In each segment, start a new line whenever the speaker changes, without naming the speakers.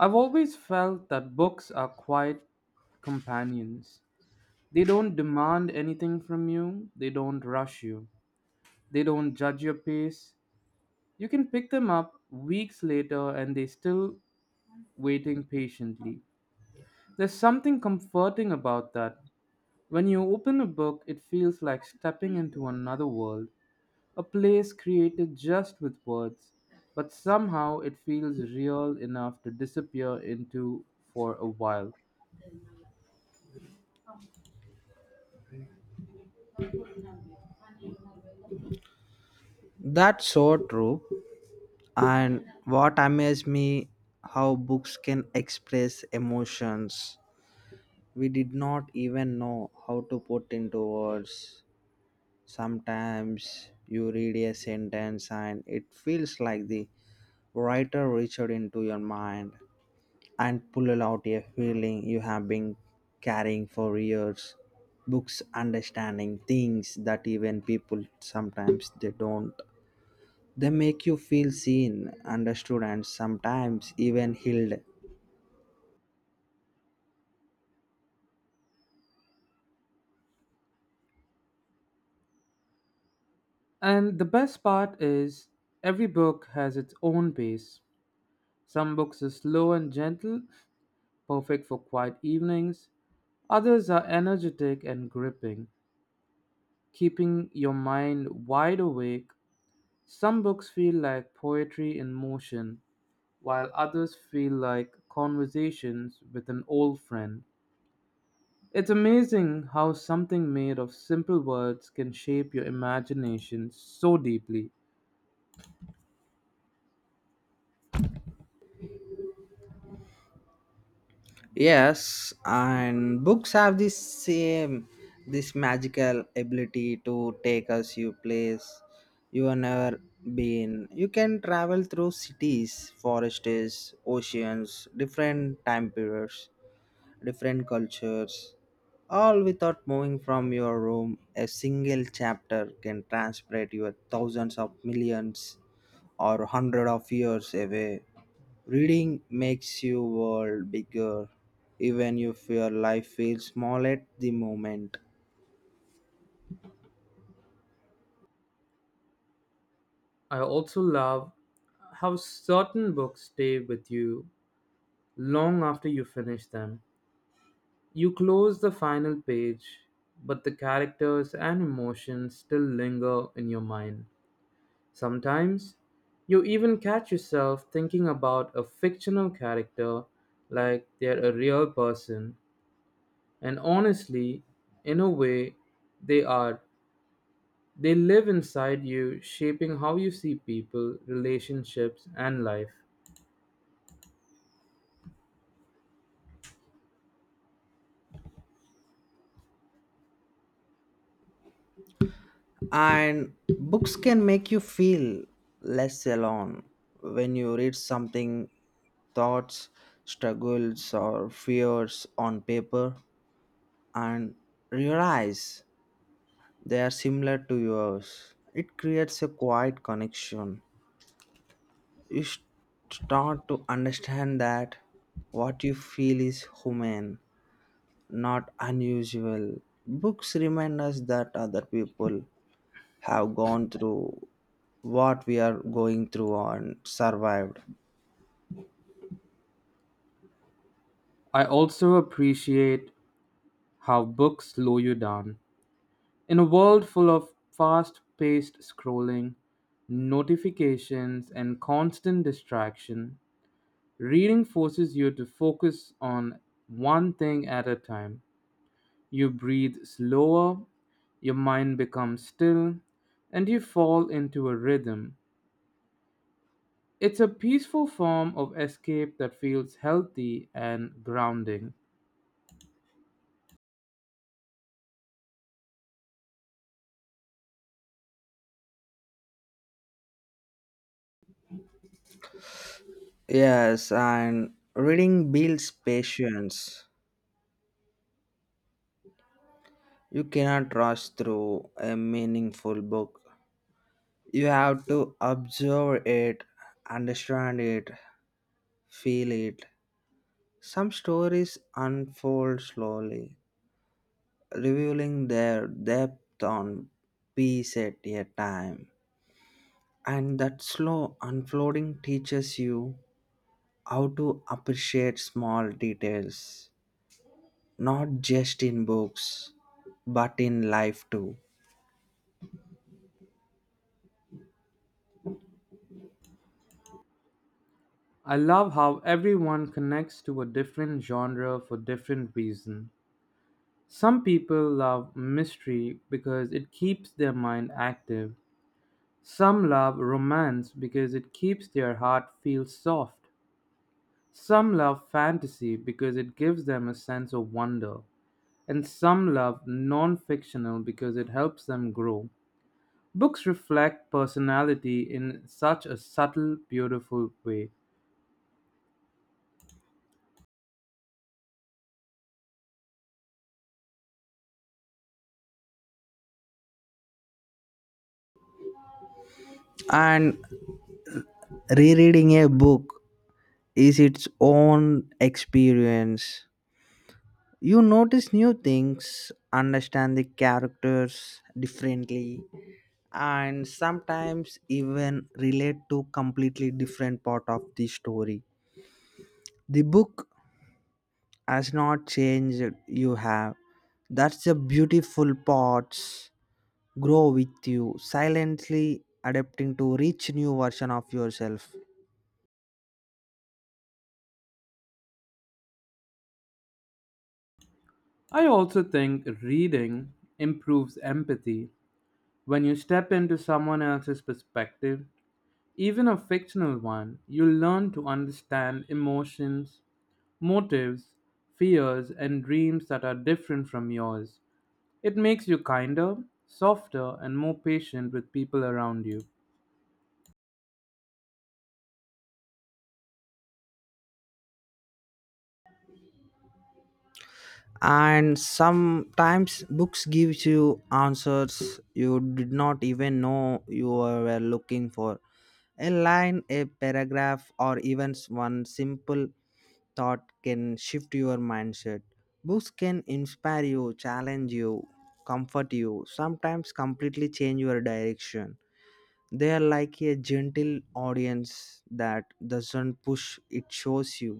I've always felt that books are quiet companions. They don't demand anything from you, they don't rush you, they don't judge your pace. You can pick them up weeks later and they're still waiting patiently. There's something comforting about that. When you open a book, it feels like stepping into another world, a place created just with words, but somehow it feels real enough to disappear into for a while.
That's so true. And what amazed me how books can express emotions we did not even know how to put into words. Sometimes you read a sentence and it feels like the writer reached into your mind and pulled out a feeling you have been carrying for years. Books understanding things that even people sometimes they don't. They make you feel seen, understood, and sometimes even healed.
And the best part is, every book has its own pace. Some books are slow and gentle, perfect for quiet evenings. Others are energetic and gripping, keeping your mind wide awake. Some books feel like poetry in motion, while others feel like conversations with an old friend. It's amazing how something made of simple words can shape your imagination so deeply.
Yes, and books have this same, this magical ability to take us to place you have never been. You can travel through cities, forests, oceans, different time periods different cultures, all without moving from your room. A single chapter can transport you thousands of millions or hundred of years away. Reading makes your world bigger, even if your life feels small at the moment.
I also love how certain books stay with you long after you finish them. You close the final page, but the characters and emotions still linger in your mind. Sometimes, you even catch yourself thinking about a fictional character like they're a real person, and honestly, in a way, they are. They live inside you, shaping how you see people, relationships, and life.
And books can make you feel less alone when you read something, thoughts, struggles, or fears on paper and realize they are similar to yours. It creates a quiet connection. You s- start to understand that what you feel is human, not unusual. Books remind us that other people have gone through what we are going through and survived.
I also appreciate how books slow you down. In a world full of fast paced scrolling, notifications, and constant distraction, reading forces you to focus on one thing at a time. You breathe slower, your mind becomes still, and you fall into a rhythm. It's a peaceful form of escape that feels healthy and grounding.
Yes, and reading builds patience. You cannot rush through a meaningful book. You have to observe it, understand it, feel it. Some stories unfold slowly, revealing their depth on piece at a time. And that slow unfolding teaches you how to appreciate small details, not just in books, but in life too.
I love how everyone connects to a different genre for different reason. Some people love mystery because it keeps their mind active. Some love romance because it keeps their heart feel soft. Some love fantasy because it gives them a sense of wonder. And some love non-fictional because it helps them grow. Books reflect personality in such a subtle, beautiful way.
And rereading a book is its own experience. You notice new things, understand the characters differently, and sometimes even relate to completely different part of the story. The book has not changed, you have. That's the beautiful parts grow with you, silently adapting to reach new version of yourself.
I also think reading improves empathy. When you step into someone else's perspective, even a fictional one, you learn to understand emotions, motives, fears, and dreams that are different from yours. It makes you kinder, softer, and more patient with people around you.
And sometimes books gives you answers you did not even know you were looking for. A line, a paragraph, or even one simple thought can shift your mindset. Books can inspire you, challenge you, comfort you, sometimes completely change your direction. They are like a gentle audience that doesn't push, it shows you.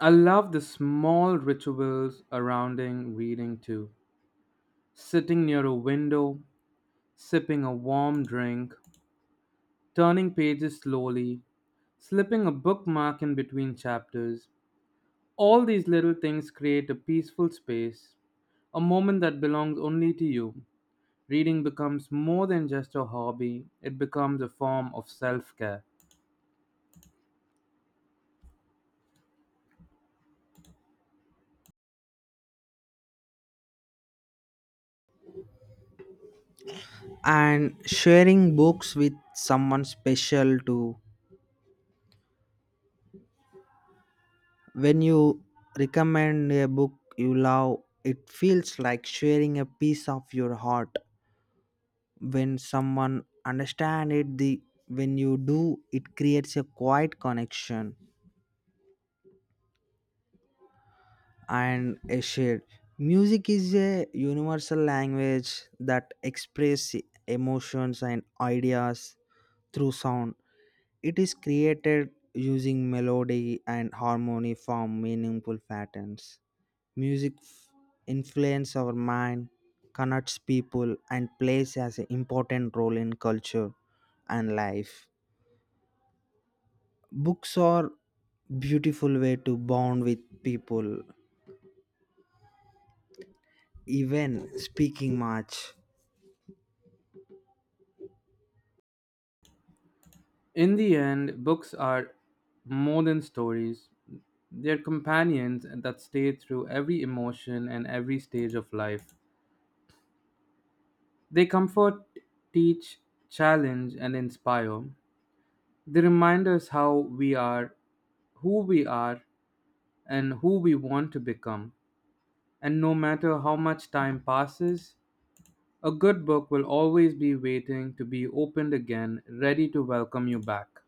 I love the small rituals surrounding reading too. Sitting near a window, sipping a warm drink, turning pages slowly, slipping a bookmark in between chapters. All these little things create a peaceful space, a moment that belongs only to you. Reading becomes more than just a hobby, it becomes a form of self care.
And sharing books with someone special too. When you recommend a book you love, it feels like sharing a piece of your heart. When someone understand it the when you do it creates a quiet connection and a shared music is a universal language that express emotions and ideas through sound it is created using melody and harmony form meaningful patterns music f- influence our mind connects people and plays as an important role in culture and life books are beautiful way to bond with people even speaking much.
In the end, books are more than stories, they're companions that stay through every emotion and every stage of life. They comfort, teach, challenge, and inspire. They remind us how we are, who we are, and who we want to become. And no matter how much time passes, a good book will always be waiting to be opened again, ready to welcome you back.